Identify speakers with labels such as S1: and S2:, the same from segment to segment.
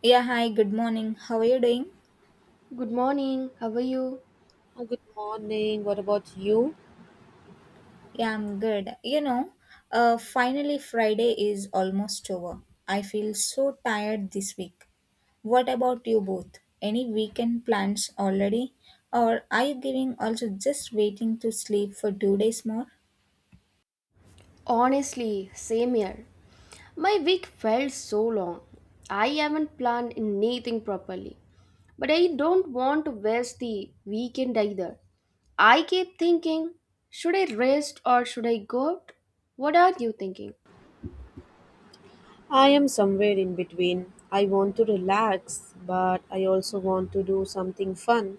S1: Yeah, hi, good morning. How are you doing?
S2: Good morning. How are you?
S3: Good morning. What about you?
S1: Yeah, I'm good. Finally, Friday is almost over. I feel so tired this week. What about you both? Any weekend plans already? Or are you giving also just waiting to sleep for two days more?
S2: Honestly, same here. My week felt so long. I haven't planned anything properly. But I don't want to waste the weekend either. I keep thinking, should I rest or should I go out? What are you thinking?
S3: I am somewhere in between. I want to relax, but I also want to do something fun.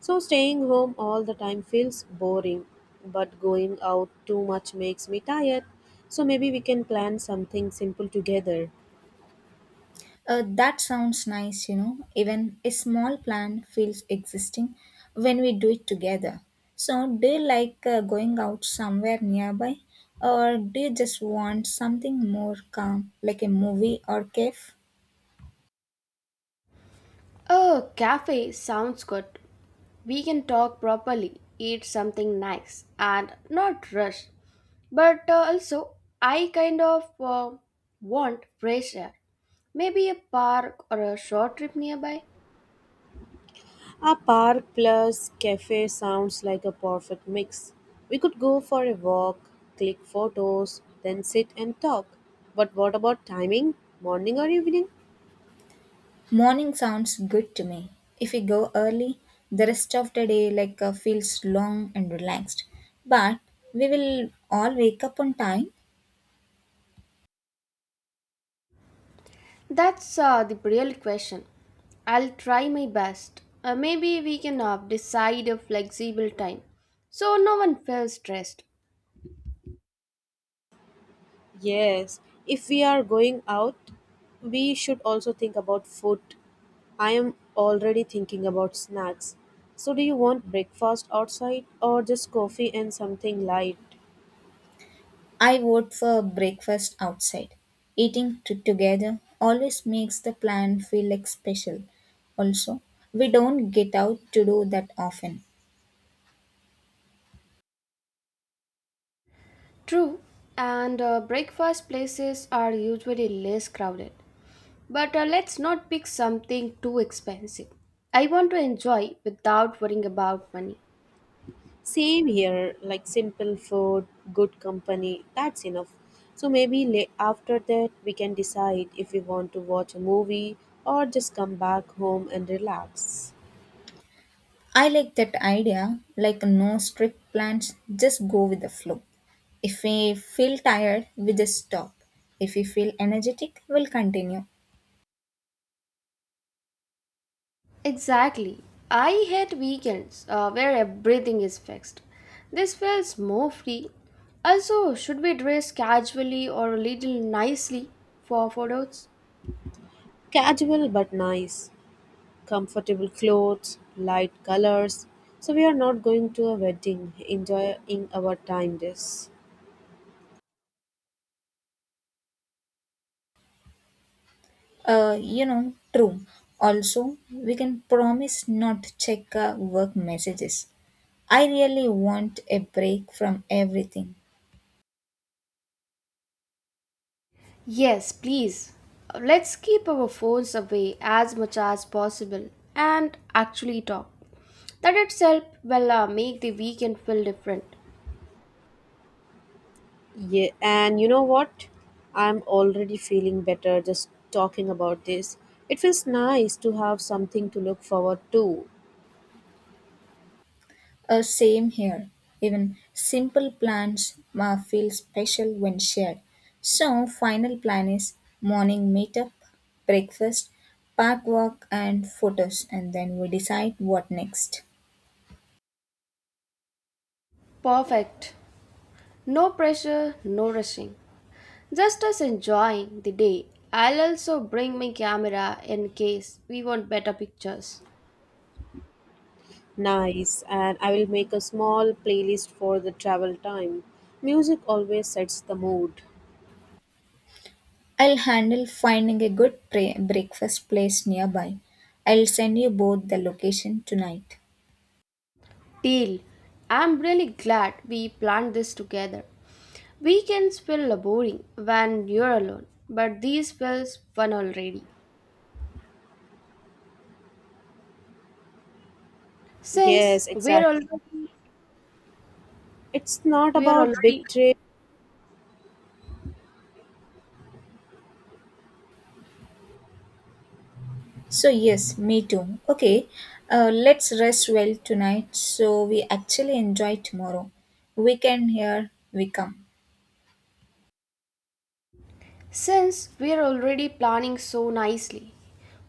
S3: So, staying home all the time feels boring, but going out too much makes me tired. So, maybe we can plan something simple together.
S1: That sounds nice, you know. Even a small plan feels existing when we do it together. So, do you like going out somewhere nearby, or do you just want something more calm, like a movie or cave?
S2: Oh, cafe sounds good. We can talk properly, eat something nice, and not rush. But also, I kind of want fresh air. Maybe a park or a short trip nearby?
S3: A park plus cafe sounds like a perfect mix. We could go for a walk, click photos, then sit and talk. But what about timing? Morning or evening?
S1: Morning sounds good to me. If we go early, the rest of the day feels long and relaxed. But we will all wake up on time.
S2: That's the real question. I'll try my best. Maybe we can decide a flexible time so no one feels stressed.
S3: Yes, if we are going out, we should also think about food. I am already thinking about snacks. So, do you want breakfast outside or just coffee and something light?
S1: I vote for breakfast outside. Eating together always makes the plan feel like special. Also, we don't get out to do that often.
S2: True, and breakfast places are usually less crowded. But let's not pick something too expensive. I want to enjoy without worrying about money.
S3: Same here, like simple food, good company, that's enough. So, maybe after that, we can decide if we want to watch a movie or just come back home and relax.
S1: I like that idea, like no strict plans, just go with the flow. If we feel tired, we just stop. If we feel energetic, we'll continue.
S2: Exactly. I hate weekends where everything is fixed. This feels more free. Also, should we dress casually or a little nicely for photos?
S3: Casual but nice. Comfortable clothes, light colors. So we are not going to a wedding, enjoying our time this.
S1: You know, true. Also, we can promise not to check our work messages. I really want a break from everything.
S2: Yes, please. Let's keep our phones away as much as possible and actually talk. That itself will make the weekend feel different.
S3: Yeah, and you know what? I'm already feeling better just talking about this. It feels nice to have something to look forward to.
S1: Same here. Even simple plans feel special when shared. So, final plan is morning meetup, breakfast, park walk, and photos, and then we decide what next.
S2: Perfect. No pressure, no rushing. Just us enjoying the day. I'll also bring my camera in case we want better pictures.
S3: Nice, and I will make a small playlist for the travel time. Music always sets the mood.
S1: I'll handle finding a good breakfast place nearby. I'll send you both the location tonight.
S2: Deal. I'm really glad we planned this together. Weekends feel boring when you're alone, but these feels fun already. Since
S3: Yes,
S2: we're
S3: exactly.
S2: already
S3: It's not
S2: we are
S3: about
S2: already
S3: big trips.
S1: So, yes, me too. Okay, let's rest well tonight so we actually enjoy tomorrow. Weekend, here we come.
S2: Since we're already planning so nicely,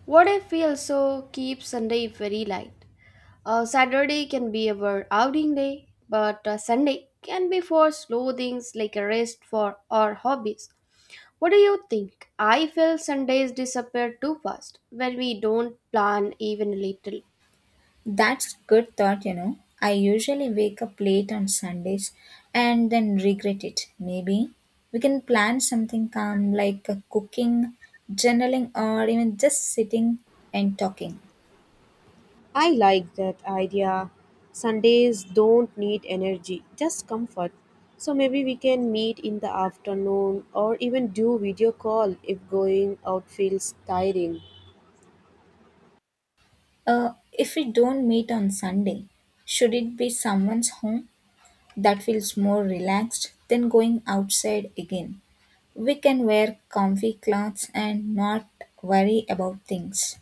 S2: what if we also keep Sunday very light? Saturday can be our outing day, but Sunday can be for slow things like a rest for our hobbies. What do you think? I feel Sundays disappear too fast when we don't plan even a little.
S1: That's good thought, you know. I usually wake up late on Sundays and then regret it. Maybe we can plan something calm like cooking, journaling, or even just sitting and talking.
S3: I like that idea. Sundays don't need energy, just comfort. So maybe we can meet in the afternoon or even do video call if going out feels tiring.
S1: If we don't meet on Sunday, should it be someone's home? That feels more relaxed than going outside again. We can wear comfy clothes and not worry about things.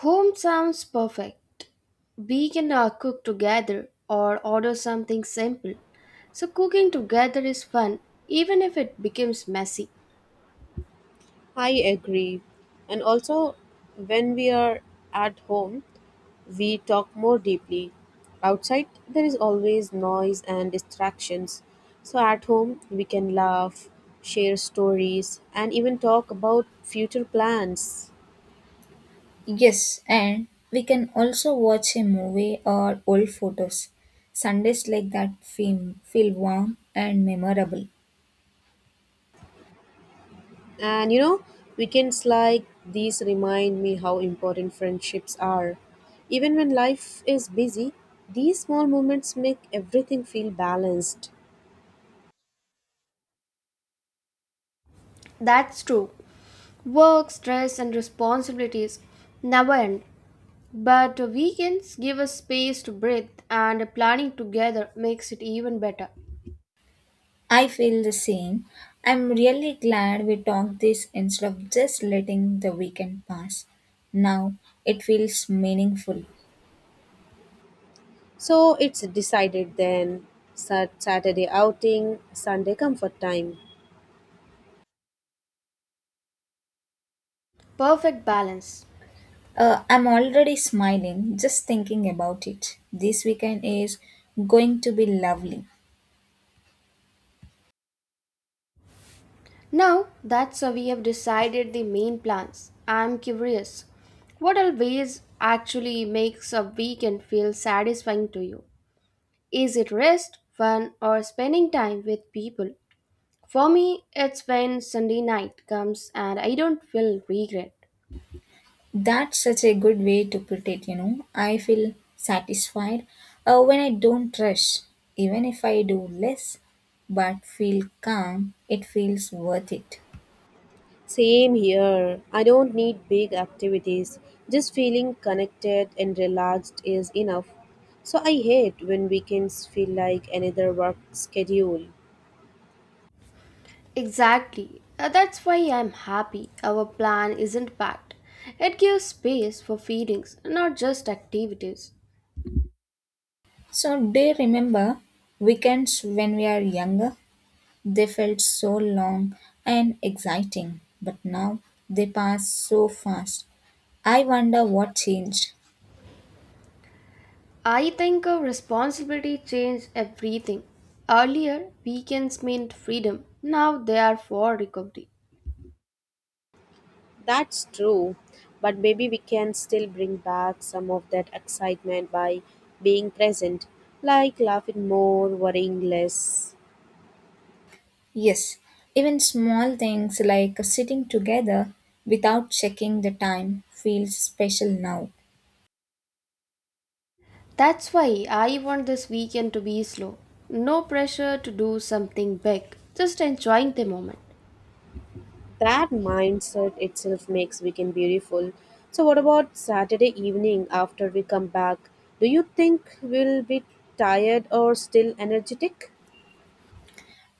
S2: Home sounds perfect. We can cook together or order something simple. So, cooking together is fun, even if it becomes messy.
S3: I agree. And also, when we are at home, we talk more deeply. Outside, there is always noise and distractions. So at home, we can laugh, share stories, and even talk about future plans.
S1: Yes, and we can also watch a movie or old photos. Sundays like that feel warm and memorable.
S3: And you know, weekends like these remind me how important friendships are. Even when life is busy, these small moments make everything feel balanced.
S2: That's true. Work, stress, and responsibilities never end. But weekends give us space to breathe, and planning together makes it even better.
S1: I feel the same. I'm really glad we talked this instead of just letting the weekend pass. Now it feels meaningful.
S3: So it's decided then, Saturday outing, Sunday comfort time.
S2: Perfect balance.
S1: I'm already smiling just thinking about it. This weekend is going to be lovely.
S2: Now that's how we have decided the main plans, I'm curious. What always actually makes a weekend feel satisfying to you? Is it rest, fun, or spending time with people? For me, it's when Sunday night comes and I don't feel regret.
S1: That's such a good way to put it, you know. I feel satisfied when I don't rush, even if I do less, but feel calm, it feels worth it.
S3: Same here. I don't need big activities. Just feeling connected and relaxed is enough. So I hate when weekends feel like another work schedule.
S2: Exactly. That's why I'm happy our plan isn't packed. It gives space for feelings, not just activities.
S1: So, do you remember weekends when we are younger? They felt so long and exciting, but now they pass so fast. I wonder what changed.
S2: I think a responsibility changed everything. Earlier, weekends meant freedom. Now they are for recovery.
S3: That's true, but maybe we can still bring back some of that excitement by being present, like laughing more, worrying less.
S1: Yes, even small things like sitting together without checking the time feels special now.
S2: That's why I want this weekend to be slow. No pressure to do something big. Just enjoying the moment.
S3: That mindset itself makes weekend beautiful. So, what about Saturday evening after we come back? Do you think we'll be tired or still energetic?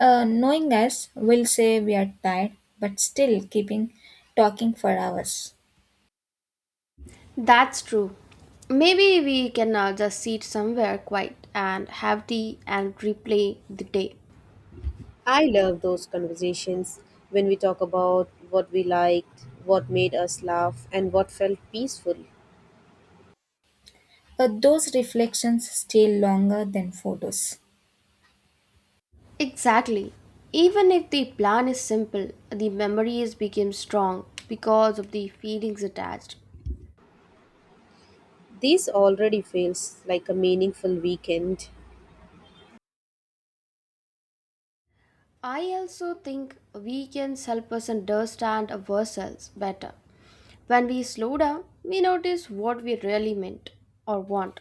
S1: Knowing us, we'll say we are tired, but still keeping talking for hours.
S2: That's true. Maybe we can just sit somewhere quiet and have tea and replay the day.
S3: I love those conversations when we talk about what we liked, what made us laugh, and what felt peaceful.
S1: Those reflections stay longer than photos.
S2: Exactly. Even if the plan is simple, the memories become strong because of the feelings attached.
S3: This already feels like a meaningful weekend.
S2: I also think weekends help us understand ourselves better. When we slow down, we notice what we really meant or want.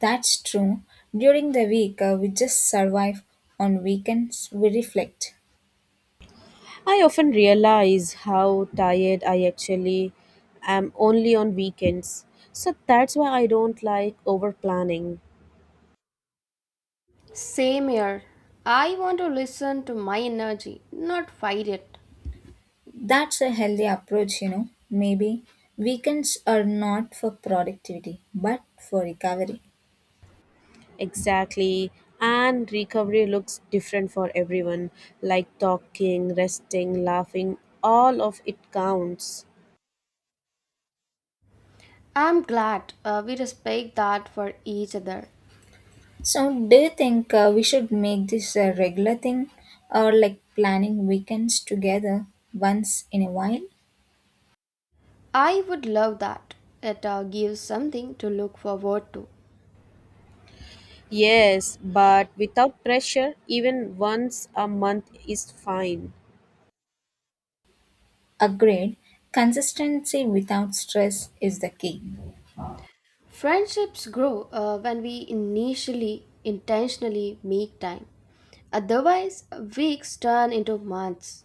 S1: That's true. During the week, we just survive. On weekends, we reflect.
S3: I often realize how tired I actually am only on weekends. So that's why I don't like over planning.
S2: Same here. I want to listen to my energy, not fight it.
S1: That's a healthy approach, you know. Maybe weekends are not for productivity, but for recovery.
S3: Exactly. And recovery looks different for everyone. Like talking, resting, laughing, all of it counts.
S2: I'm glad we respect that for each other.
S1: So, do you think we should make this a regular thing or like planning weekends together once in a while?
S2: I would love that. It gives something to look forward to.
S3: Yes, but without pressure, even once a month is fine.
S1: Agreed. Consistency without stress is the key.
S2: Friendships grow when we initially intentionally make time. Otherwise, weeks turn into months.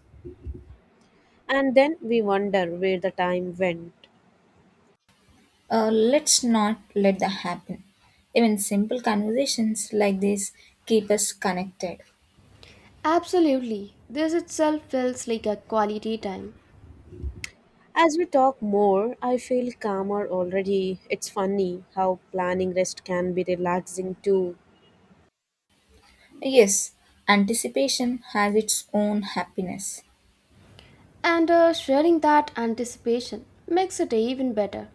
S3: And then we wonder where the time went.
S1: Let's not let that happen. Even simple conversations like this keep us connected.
S2: Absolutely, this itself feels like a quality time.
S3: As we talk more, I feel calmer already. It's funny how planning rest can be relaxing too.
S1: Yes, anticipation has its own happiness.
S2: And sharing that anticipation makes it even better.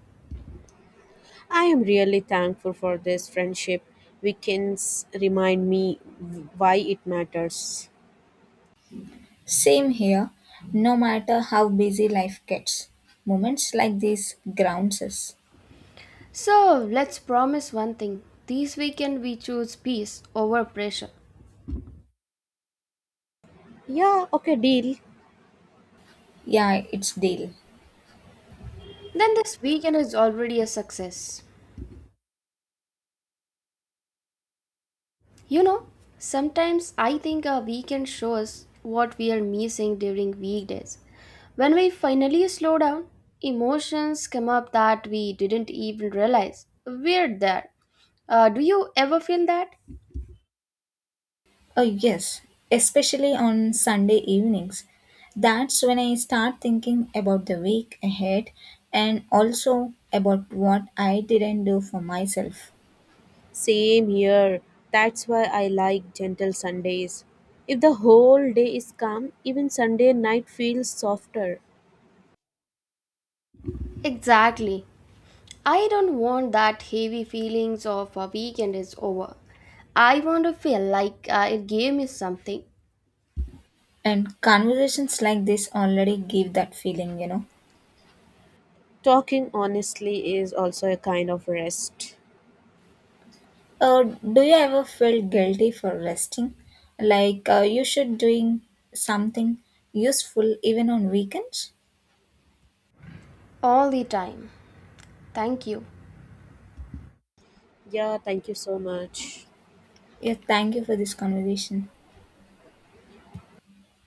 S3: I am really thankful for this friendship. Weekends remind me why it matters.
S1: Same here, no matter how busy life gets. Moments like these grounds us.
S2: So, let's promise one thing this weekend we choose peace over pressure.
S3: Yeah, okay, deal.
S1: Yeah, it's deal.
S2: Then, this weekend is already a success. You know, sometimes I think a weekend shows what we are missing during weekdays. When we finally slow down, emotions come up that we didn't even realize. We're there. Do you ever feel that?
S1: Oh, yes, especially on Sunday evenings. That's when I start thinking about the week ahead and also about what I didn't do for myself.
S3: Same here. That's why I like gentle Sundays. If the whole day is calm, even Sunday night feels softer.
S2: Exactly. I don't want that heavy feelings of a weekend is over. I want to feel like it gave me something
S1: And conversations like this already give that feeling, you know.
S3: Talking honestly is also a kind of rest.
S1: Uh, do you ever feel guilty for resting? Like you should doing something useful even on weekends?
S2: all the time. Thank you.
S3: Yeah, thank you so much.
S1: Yeah, thank you for this conversation.